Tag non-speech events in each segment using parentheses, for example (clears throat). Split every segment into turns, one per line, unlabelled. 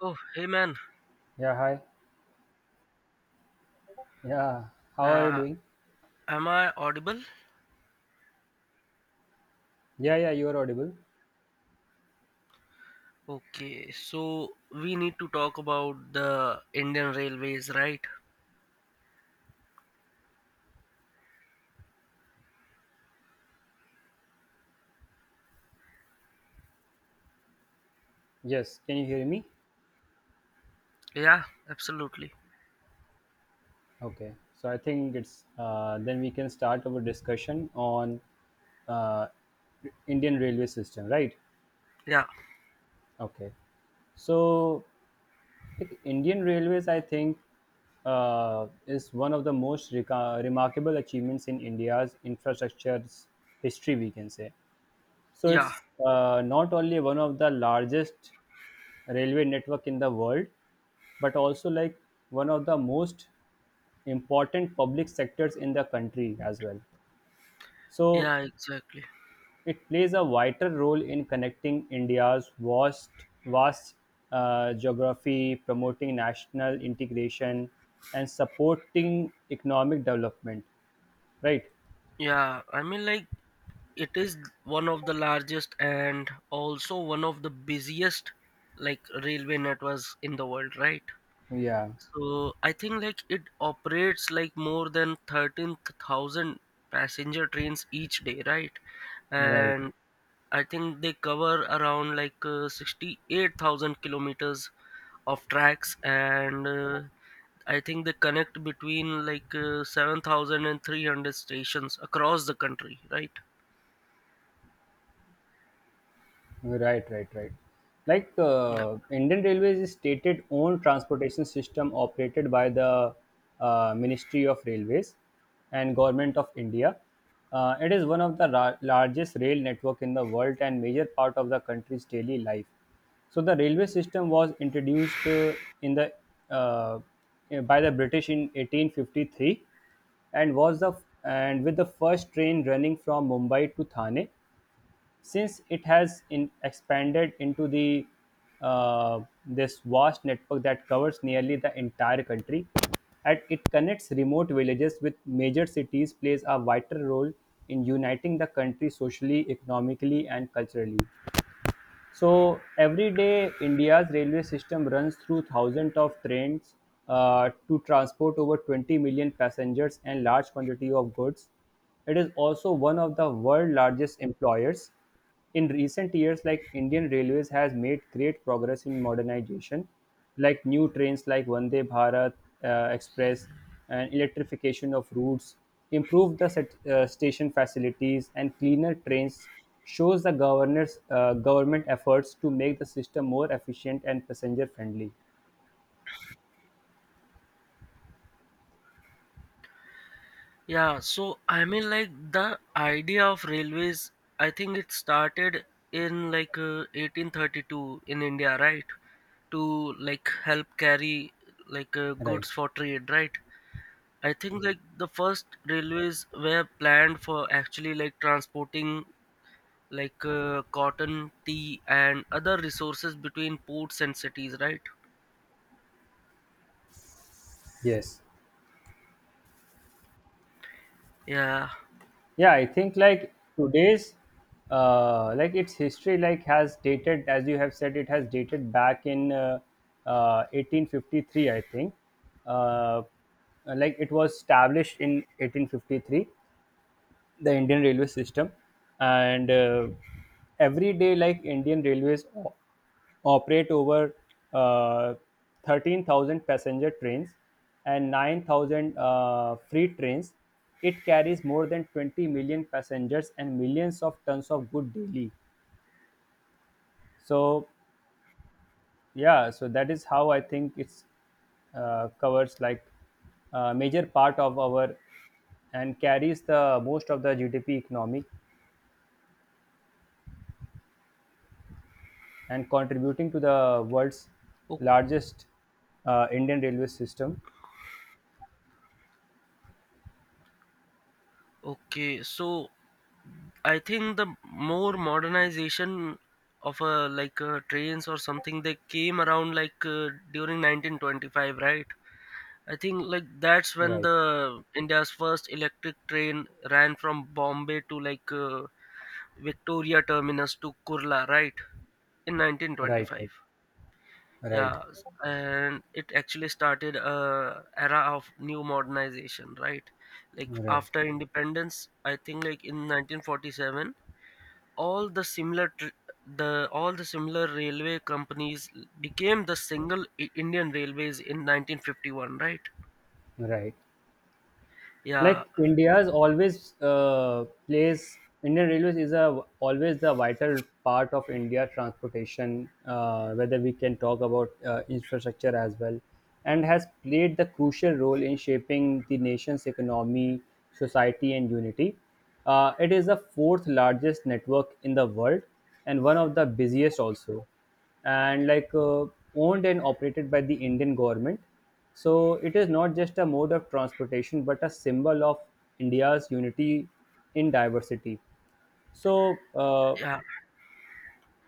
Oh, hey man,
Yeah, hi. Yeah, how are you
uh,
doing?
am I audible?
Yeah, yeah, you are audible.
Okay, so we need to talk about the Indian Railways, right?
Yes, can you hear me?
Yeah, absolutely.
Okay, so I think it's then we can start our discussion on uh, Indian railway system, right?
Yeah,
Okay, so like, Indian railways, I think, is one of the most remarkable achievements in India's infrastructure's history, we can say. So
yeah,
it's not only one of the largest railway network in the world, but also like one of the most important public sectors in the country as well. So
yeah, exactly.
it plays a vital role in connecting India's vast geography, promoting national integration, and supporting economic development. Right?
Yeah, I mean, like, it is one of the largest and also one of the busiest, like, railway networks in the world, right?
Yeah.
So I think, like, it operates like more than 13,000 passenger trains each day, right?
Right.
And I think they cover around like 68,000 kilometers of tracks, and I think they connect between like 7,300 stations across the country, right?
Right, right, right. Like
Yeah.
Indian Railways is stated own transportation system operated by the Ministry of Railways and Government of India. It is one of the largest rail network in the world and major part of the country's daily life. So the railway system was introduced in the uh, by the British in 1853 and was the and with the first train running from Mumbai to Thane. Since it has in expanded into the this vast network that covers nearly the entire country, and it connects remote villages with major cities, plays a vital role in uniting the country socially, economically, and culturally. So every day, India's railway system runs through thousands of trains to transport over 20 million passengers and large quantity of goods. It is also one of the world's largest employers. In recent years, like Indian Railways has made great progress in modernization, like new trains like Vande Bharat Express and electrification of routes, improved the station facilities, and cleaner trains shows the governors government efforts to make the system more efficient and passenger friendly.
Yeah, so I mean, like the idea of railways, I think it started in like 1832 in India, right? To like help carry like
Right.
goods for trade, right? I think like the first railways were planned for actually like transporting like cotton, tea, and other resources between ports and cities, right?
Yes.
Yeah.
Yeah, I think like today's like its history like has dated, as you have said, it has dated back in 1853, I think. uh, like it was established in 1853, the Indian railway system, and every day, like Indian Railways operate over uh, 13,000 passenger trains and 9,000 free trains. It carries more than 20 million passengers and millions of tons of good daily. So yeah, so that is how I think it's covers like a major part of our and carries the most of the GDP economic and contributing to the world's
O-
largest Indian railway system.
okay. So I think the more modernization of like trains or something, they came around like during 1925, right? I think like that's when
Right,
the India's first electric train ran from Bombay to like Victoria Terminus to Kurla, right? In
right,
1925.
right, right,
Yeah, and it actually started a era of new modernization, right? Like
right,
after independence, I think like in 1947, all the similar the all the similar railway companies became the single Indian Railways in 1951, right?
right. Like
Yeah,
india's always plays Indian railways is a always the vital part of India transportation, whether we can talk about infrastructure as well, and has played the crucial role in shaping the nation's economy, society, and unity. It is the fourth largest network in the world and one of the busiest also, and owned and operated by the Indian government. So it is not just a mode of transportation, but a symbol of India's unity in diversity. So,
yeah.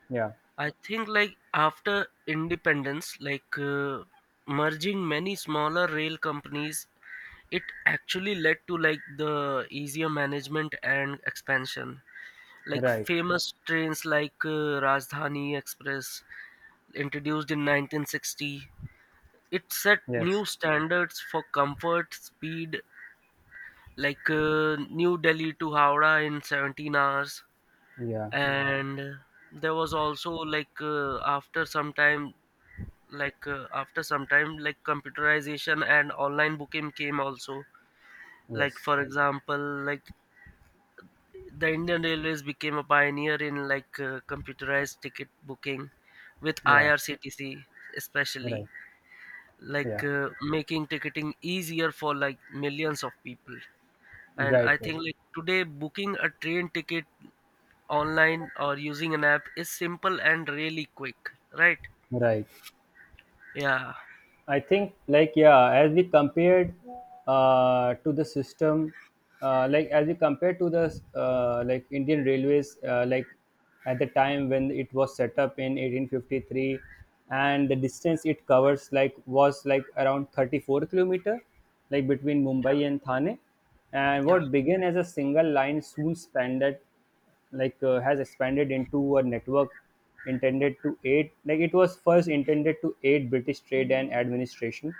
yeah,
I think like after independence, like merging many smaller rail companies, it actually led to like the easier management and expansion. Like
right.
famous trains like Rajdhani Express introduced in 1960, it set new
Yes.
standards for comfort speed, like New Delhi to Howrah in 17 hours.
Yeah.
And there was also like after some time like computerization and online booking came also. Like
Yes.
for example, like the Indian Railways became a pioneer in like computerized ticket booking with
Yeah.
IRCTC, especially
Right.
like
Yeah.
making ticketing easier for like millions of people. And
Right.
I
Right.
think like today, booking a train ticket online or using an app is simple and really quick, right?
Right.
Yeah,
I think, like, yeah, as we compared to the system, like, as we compared to the like Indian Railways, like at the time when it was set up in 1853, and the distance it covers, like, was like around 34-kilometer, like between
yeah,
Mumbai and Thane, and
yeah.
what began as a single line soon expanded, has expanded into a network intended to aid, like it was first intended to aid British trade and administration,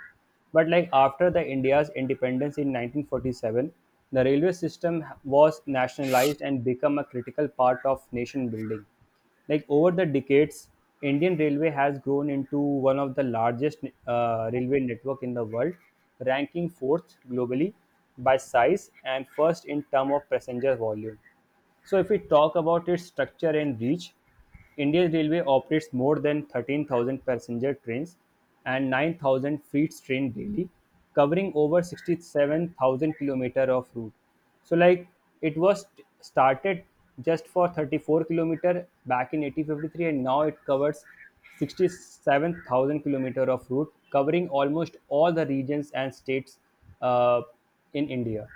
but like after the India's independence in 1947, the railway system was nationalized and become a critical part of nation building. Like over the decades, Indian railway has grown into one of the largest railway network in the world, ranking fourth globally by size and first in term of passenger volume. So, if we talk about its structure and reach, Indian Railway operates more than 13,000 passenger trains and 9,000 freight train daily, covering over 67,000 kilometer of route. So, like it was started just for 34-kilometer back in 1853, and now it covers 67,000 kilometer of route, covering almost all the regions and states uh, in India.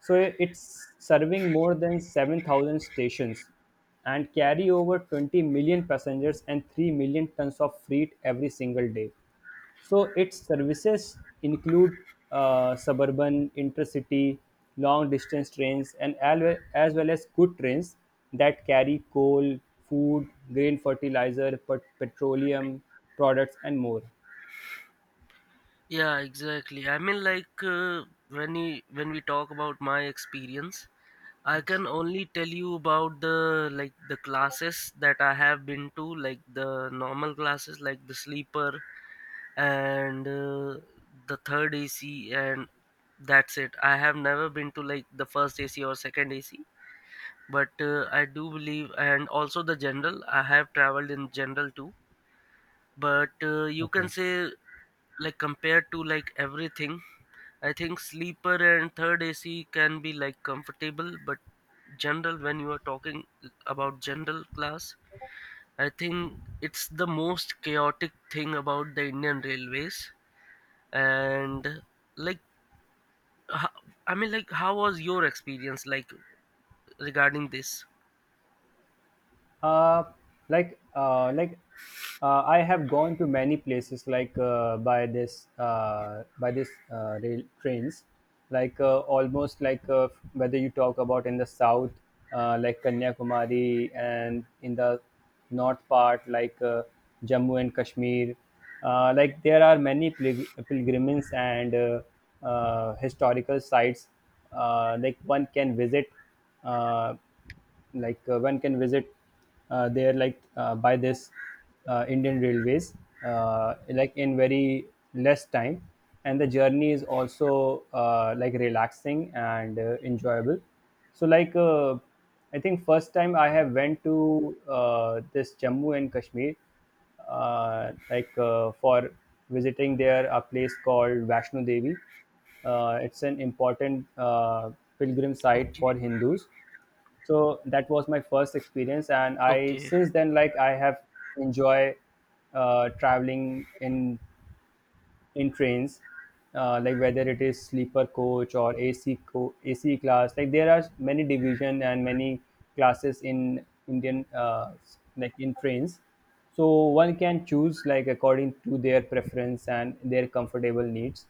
So it's serving more than 7,000 stations and carry over 20 million passengers and 3 million tons of freight every single day. So its services include suburban, intercity, long distance trains, and as well as good trains that carry coal, food, grain fertilizer, petroleum products, and more.
Yeah, exactly. I mean, like when we talk about my experience, I can only tell you about the like the classes that I have been to, like the normal classes, like the sleeper and the third AC, and that's it. I have never been to like the first AC or second AC, but I do believe, and also the general. I have traveled in general too, but you can
Okay.
say like compared to like everything, I think sleeper and third AC can be like comfortable, but general, when you are talking about general class, I think it's the most chaotic thing about the Indian Railways. And like ho- I mean, like, how was your experience like regarding this?
uh, like uh, like I have gone to many places like by this rail trains, like almost like whether you talk about in the south like Kanyakumari and in the north part Jammu and Kashmir. Like there are many pilgrimages and historical sites uh, like one can visit uh, like one can visit there like by this Indian Railways in very less time, and the journey is also like relaxing and enjoyable. So I think first time I have went to this Jammu and Kashmir for visiting there a place called Vaishno Devi. It's an important pilgrim site
Okay,
for Hindus. So that was my first experience, and I
okay.
since then like I have enjoy traveling in trains, like whether it is sleeper coach or AC class. Like there are many division and many classes in indian like in trains. So one can choose like according to their preference and their comfortable needs.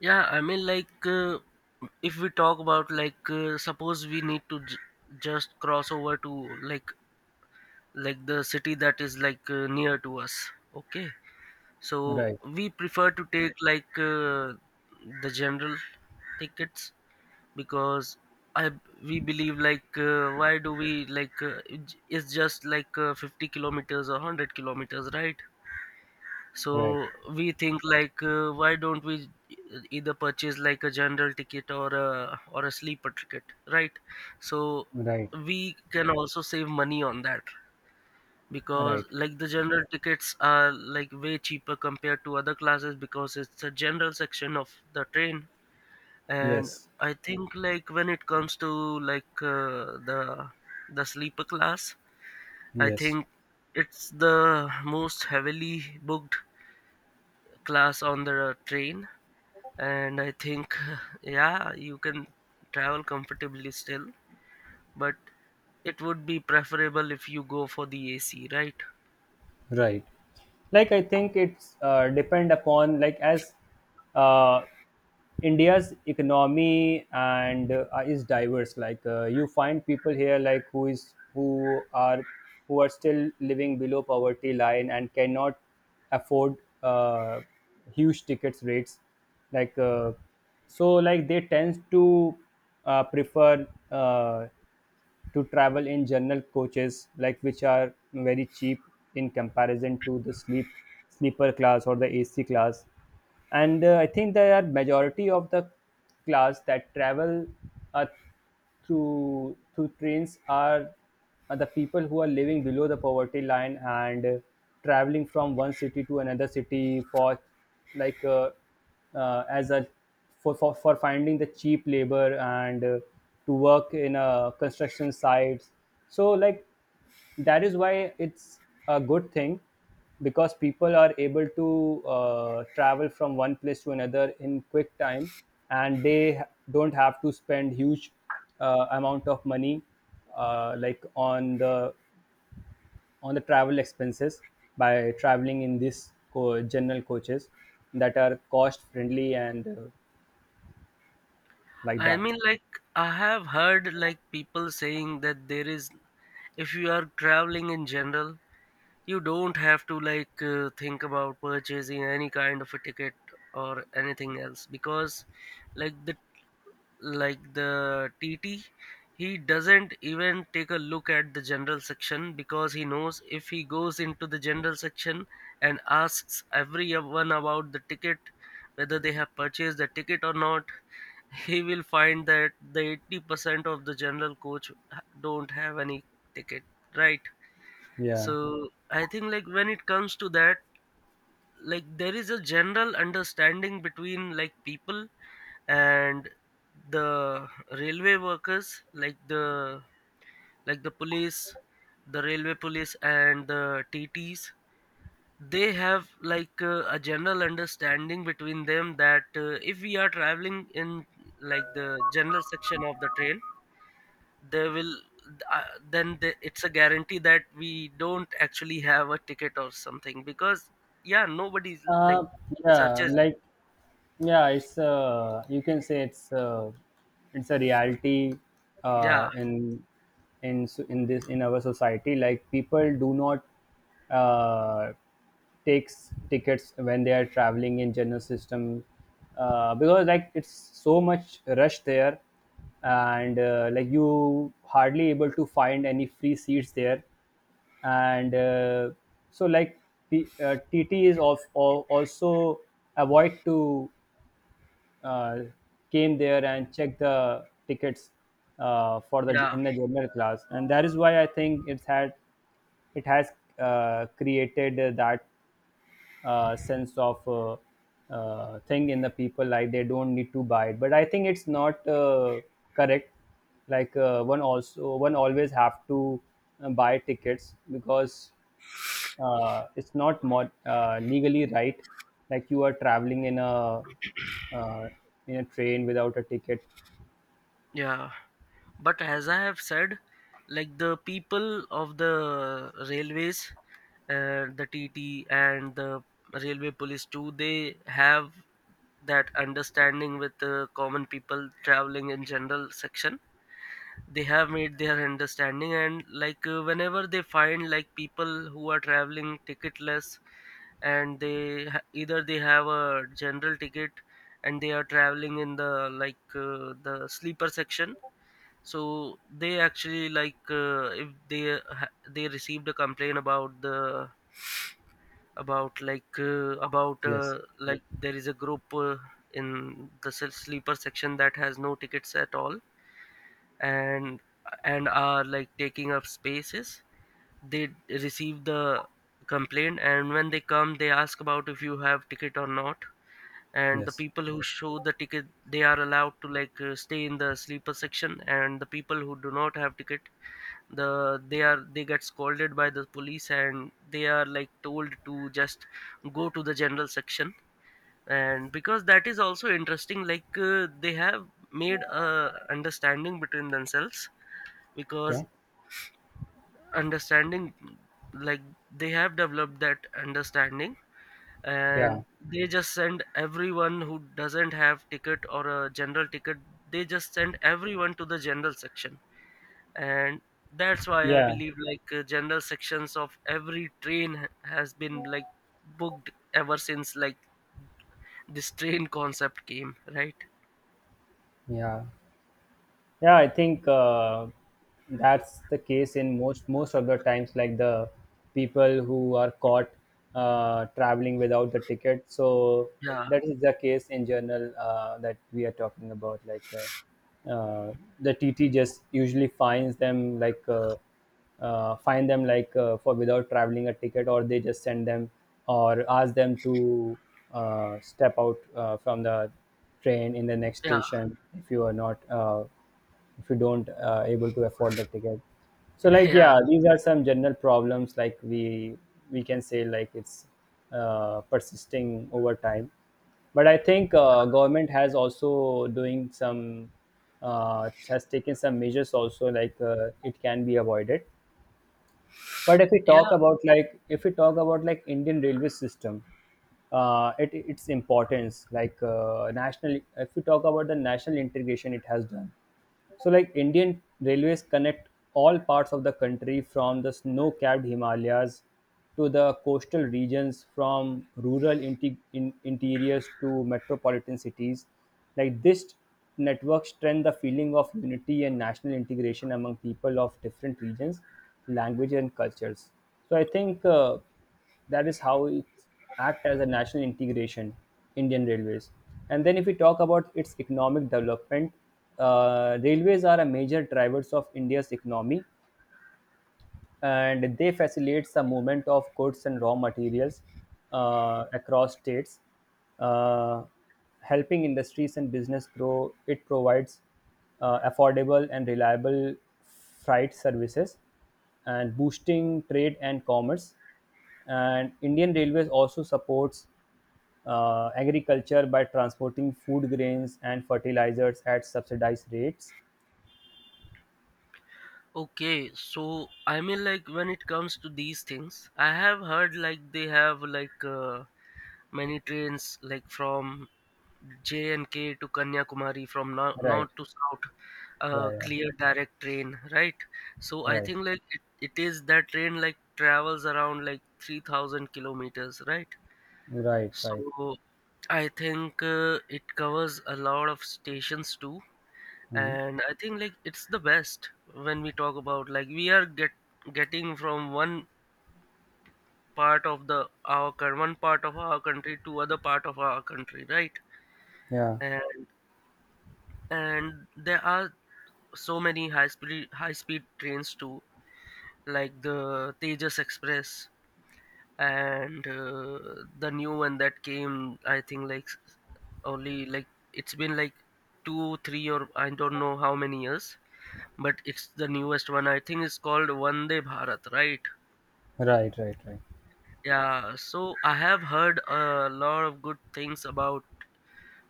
Yeah, I mean, like if we talk about like suppose we need to just cross over to like like the city that is like near to us, okay. So
Right,
we prefer to take like the general tickets, because I we believe like why do we, like it's just like 50 kilometers or 100 kilometers, right?
right,
So we think like why don't we either purchase like a general ticket or a sleeper ticket, right? So
right,
we can also save money on that, because
right.
like the general tickets are like way cheaper compared to other classes, because it's a general section of the train. And
Yes,
I think like when it comes to like the sleeper class, I
yes,
think it's the most heavily booked class on the train, and I think (laughs) yeah, you can travel comfortably still, but it would be preferable if you go for the AC, right?
right. Like I think it's depend upon like as uh, India's economy and is diverse, you find people here who are still living below poverty line and cannot afford uh, huge tickets rates, like uh, they tend to prefer uh, to travel in general coaches, like which are very cheap in comparison to the sleeper class or the AC class. And I think there are majority of the class that travel uh, through through trains are the people who are living below the poverty line and traveling from one city to another city for like as a for, for finding the cheap labor and to work in a construction sites. So like that is why it's a good thing because people are able to travel from one place to another in quick time, and don't have to spend huge amount of money uh, like on the on the travel expenses by traveling in general coaches that are cost friendly and like
I
that
mean, like, I have heard like people saying that there is, if you are traveling in general, you don't have to like think about purchasing any kind of a ticket or anything else, because like the TT, he doesn't even take a look at the general section, because he knows if he goes into the general section and asks everyone about the ticket, whether they have purchased the ticket or not, (laughs) he will find that the 80% of the general coach don't have any ticket, right?
Yeah.
So I think like when it comes to that, like there is a general understanding between like people and the railway workers, like the police, the railway police and the TTs. They have like a general understanding between them that if we are traveling in like the general section of the train, they will, then they, it's a guarantee that we don't actually have a ticket or something, because yeah, nobody's like
Uh, yeah,
searches.
like yeah, it's you can say it's a reality
Yeah,
uh in in in this in our society, like people do not uh takes tickets when they are traveling in general system, because like it's so much rush there, and like you hardly able to find any free seats there, and so like TT is also avoid to uh, came there and check the tickets for the
yeah,
in the general class, and that is why I think it has created that sense of thing in the people, like they don't need to buy it. But I think it's not correct. One always have to buy tickets because it's not legally right, like you are traveling in a uh, train without a ticket.
yeah. But as I have said, like the people of the railways, the T T and the railway police too, they have that understanding with the common people traveling in general section. They have made their understanding, and like whenever they find like people who are traveling ticketless and they either they have a general ticket and they are traveling in the like the sleeper section, so they actually, like if they they received a complaint about the, about
Yes.
like there is a group in the sleeper section that has no tickets at all, and and are like taking up spaces, they receive the complaint, and when they come they ask about if you have ticket or not. And the
Yes.
people who show the ticket, they are allowed to like stay in the sleeper section, and the people who do not have ticket, they get scolded by the police and they are like told to just go to the general section. And because that is also interesting, like they have made a understanding between themselves, because,
Okay.
understanding, like they have developed that understanding,
Yeah,
and they just send everyone who doesn't have ticket or a general ticket, they just send everyone to the general section. And that's why I
yeah,
believe like general sections of every train has been like booked ever since like this train concept came, right?
yeah. Yeah, I think that's the case in most of the times, like the people who are caught traveling without the ticket. So
Yeah,
that is the case in general that we are talking about. The TT just usually finds them find them for without traveling a ticket, or they just send them or ask them to step out from the train in the next
yeah.
station if you are not. If you don't able to afford the ticket. So
(laughs)
like
Yeah,
yeah, these are some general problems like we can say like it's persisting over time. But I think government has also doing some has taken some measures also, it can be avoided. But if we talk
yeah.
about like Indian railway system, its importance, national, if we talk about the national integration it has done. So, like Indian railways connect all parts of the country from the snow capped Himalayas to the coastal regions, from rural interiors to metropolitan cities. Like this network strengthens the feeling of unity and national integration among people of different regions, languages, and cultures. So, I think that is how it act as a national integration, indian railways. And then if we talk about its economic development, railways are a major drivers of india's economy and they facilitates the movement of goods and raw materials, across states, uh, helping industries and business grow. It provides affordable and reliable freight services and boosting trade and commerce. And Indian Railways also supports agriculture by transporting food grains and fertilizers at subsidized rates.
Okay, so I mean, like, when it comes to these things, I have heard like they have like many trains like from J and K to Kanyakumari, from
Right.
north to south,
Yeah. Yeah.
clear direct train, right? So I
Right.
think like it is that train like travels around like 3,000 kilometers, right?
Right. Right.
So I think it covers a lot of stations too,
Mhm.
and I think like it's the best when we talk about like we are getting from one part of our country to other part of our country, right?
Yeah.
And, and there are so many high speed trains too, like the Tejas Express. And the new one that came, I think like only, like it's been like two, three or I don't know how many years, but it's the newest one. I think it's called Vande Bharat, right?
Right, right, right.
Yeah, so I have heard a lot of good things about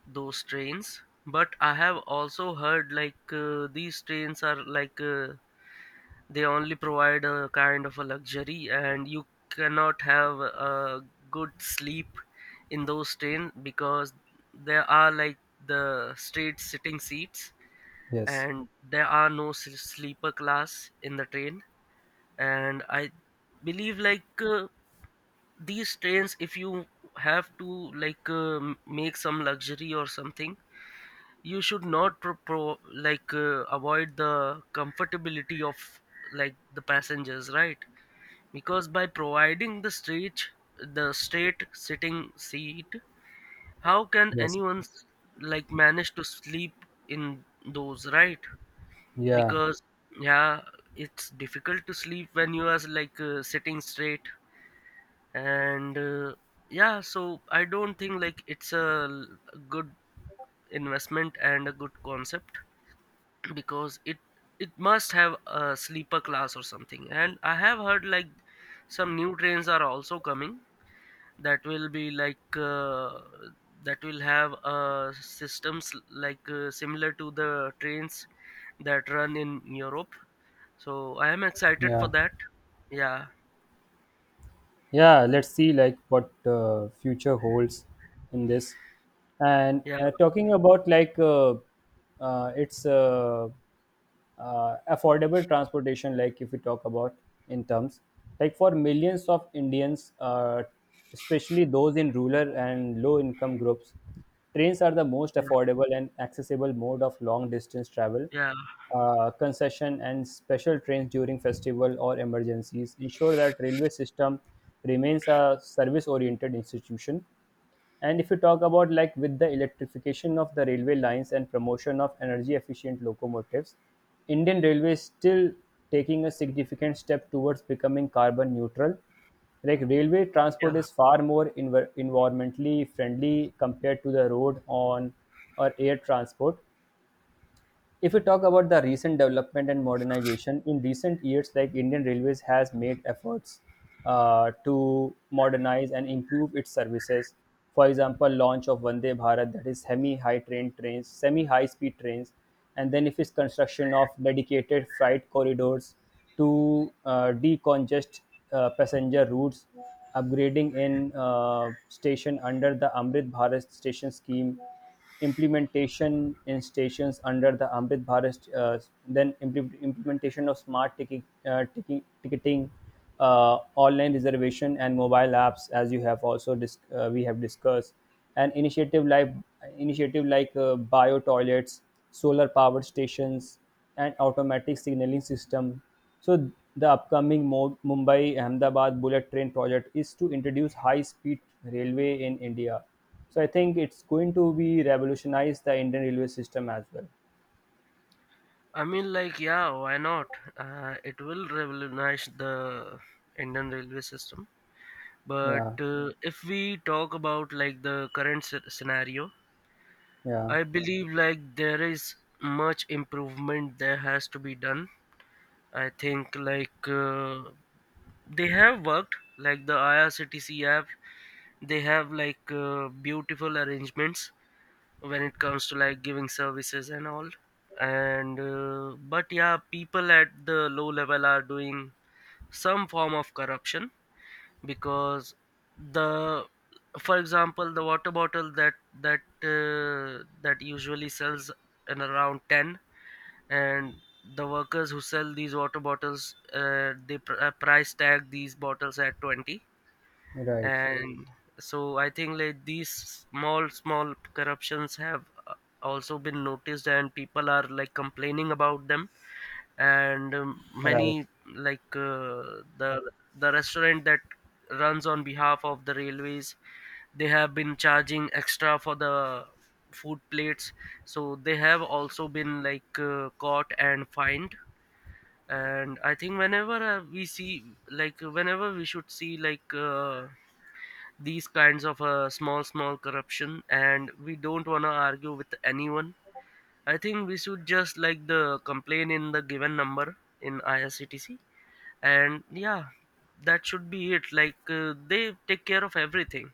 those trains, but I have also heard like these trains are like they only provide a kind of a luxury, and you cannot have a good sleep in those trains because there are like the straight sitting seats,
Yes,
and there are no sleeper class in the train. And I believe like these trains, if you have to like make some luxury or something, you should not like avoid the comfortability of like the passengers, right? Because by providing the straight sitting seat, how can
yes.
anyone like manage to sleep in those, right?
Yeah,
Because yeah, it's difficult to sleep when you are like sitting straight. And yeah, so I don't think like it's a a good investment and a good concept. (clears throat) Because it must have a sleeper class or something. And I have heard like some new trains are also coming that will be like that will have systems like similar to the trains that run in Europe. So I am excited for
yeah,
that. Yeah,
yeah. Let's see like what future holds in this. And
yeah,
talking about like it's affordable transportation, like if we talk about in terms, like for millions of indians, especially those in rural and low income groups, trains are the most
yeah.
affordable and accessible mode of long distance travel.
Yeah,
Concession and special trains during festival or emergencies ensure that railway system remains a service oriented institution. And if you talk about like with the electrification of the railway lines and promotion of energy efficient locomotives, Indian railways still taking a significant step towards becoming carbon neutral. Like railway
yeah.
transport is far more environmentally friendly compared to the road on or air transport. If we talk about the recent development and modernization in recent years, like indian railways has made efforts to modernize and improve its services. For example, launch of vande bharat, that is semi high speed trains, and then if it's construction of dedicated freight corridors to decongest passenger routes, upgrading in uh, station under the amrit bharat station scheme, implementation in stations under the Amrit Bharat, then implementation of smart ticketing, online reservation, and mobile apps, as you have also we have discussed, and initiative like bio toilets, solar powered stations, and automatic signaling system. So the upcoming Mumbai Ahmedabad bullet train project is to introduce high speed railway in India, so I think it's going to be revolutionize the Indian railway system as well.
I mean, like, yeah, why not? It will revolutionize the Indian railway system. But
Yeah,
if we talk about like the current scenario,
yeah,
I believe like there is much improvement there has to be done. I think like they have worked like the IRCTC app. They have like beautiful arrangements when it comes to like giving services and all. And but yeah, people at the low level are doing some form of corruption, because, the, for example, the water bottle that usually sells in around 10, and the workers who sell these water bottles, they price tag these bottles at 20.
right,
And so I think like these small corruptions have also been noticed, and people are like complaining about them. And
right.
many, like the restaurant that runs on behalf of the railways, they have been charging extra for the food plates, so they have also been like caught and fined. And I think whenever we see, like, whenever we should see like these kinds of small corruption, and we don't want to argue with anyone, I think we should just like the complain in the given number in IRCTC. And yeah, that should be it, like they take care of everything.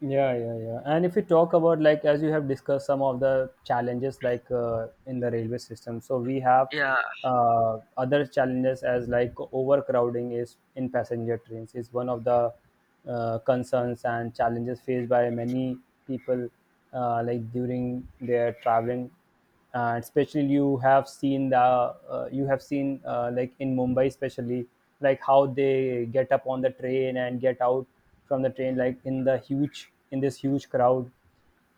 Yeah, yeah, yeah. And if we talk about like as you have discussed some of the challenges like in the railway system, so we have
Yeah,
other challenges as like overcrowding is in passenger trains is one of the concerns and challenges faced by many people, like during their traveling. And especially you have seen the you have seen like in Mumbai especially, like how they get up on the train and get out from the train, like in the huge in this huge crowd.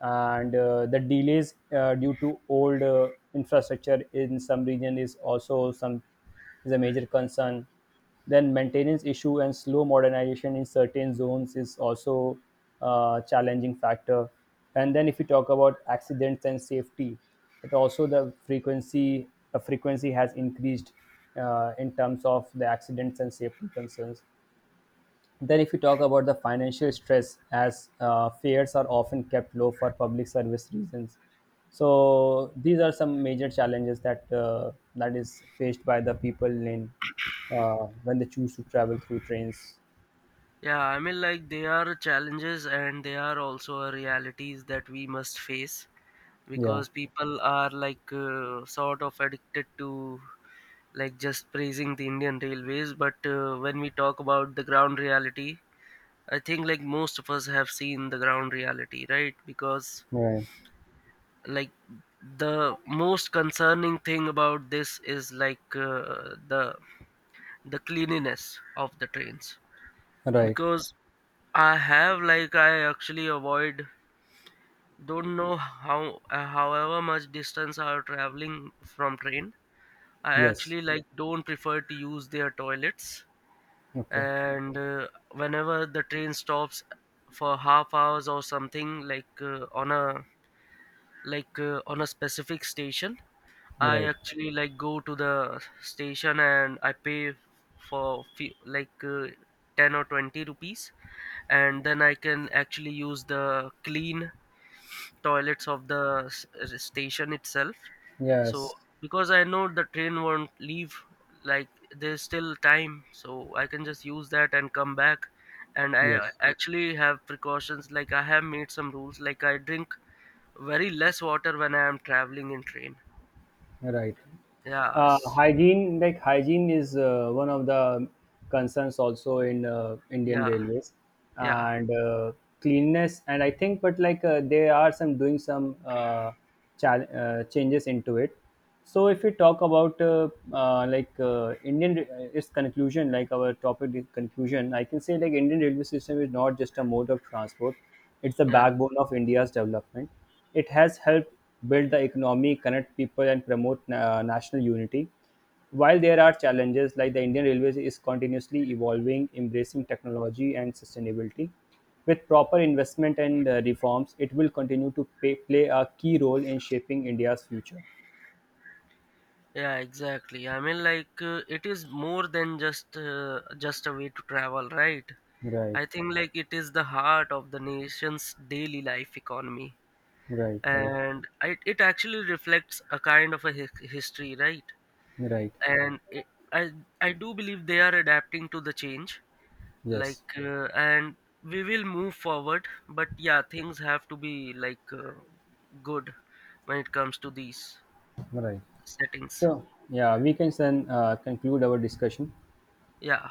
And the delays due to old infrastructure in some region is also some is a major concern. Then maintenance issue and slow modernization in certain zones is also a challenging factor. And then if you talk about accidents and safety, it also the frequency has increased in terms of the accidents and safety concerns. Then, if you talk about the financial stress, as fares are often kept low for public service reasons. So these are some major challenges that that is faced by the people in when they choose to travel through trains.
yeah. I mean, like, they are challenges and they are also a realities that we must face,
Yeah.
because people are like sort of addicted to like just praising the Indian Railways, but when we talk about the ground reality, I think like most of us have seen the ground reality, right? Because
Right.
like the most concerning thing about this is like the cleanliness of the trains,
Right.
because I have, like, I actually avoid, don't know how however much distance I are traveling from train, I
Yes.
actually like don't prefer to use their toilets.
Okay.
And whenever the train stops for half hours or something, like on a specific station, I
Right.
actually like go to the station and I pay for few, like 10 or 20 rupees, and then I can actually use the clean toilets of the station itself. So
Yes.
because I know the train won't leave, like there's still time so I can just use that and come back. And I
Yes.
actually have precautions, like I have made some rules, like I drink very less water when I am traveling in train.
Right.
Yes.
Hygiene, like hygiene, is one of the concerns also in Indian
Yeah,
Railways,
yeah,
and cleanness. And I think, but like they are some doing some chal changes into it. So if we talk about Indian its conclusion, like our topic is conclusion, I can say like Indian railway system is not just a mode of transport; it's the
yeah.
backbone of India's development. It has helped build the economy, connect people, and promote national unity. While there are challenges, like the Indian Railways is continuously evolving, embracing technology and sustainability. With proper investment and reforms, it will continue to play a key role in shaping India's future.
Yeah, exactly. I mean, like it is more than just a way to travel, right?
Right,
I think like it is the heart of the nation's daily life economy,
right, right,
and it actually reflects a kind of a history, right?
right.
And I I do believe they are adapting to the change,
Yes,
like and we will move forward. But yeah, things have to be like good when it comes to these
right.
settings.
So, yeah, we can then conclude our discussion.
Yeah.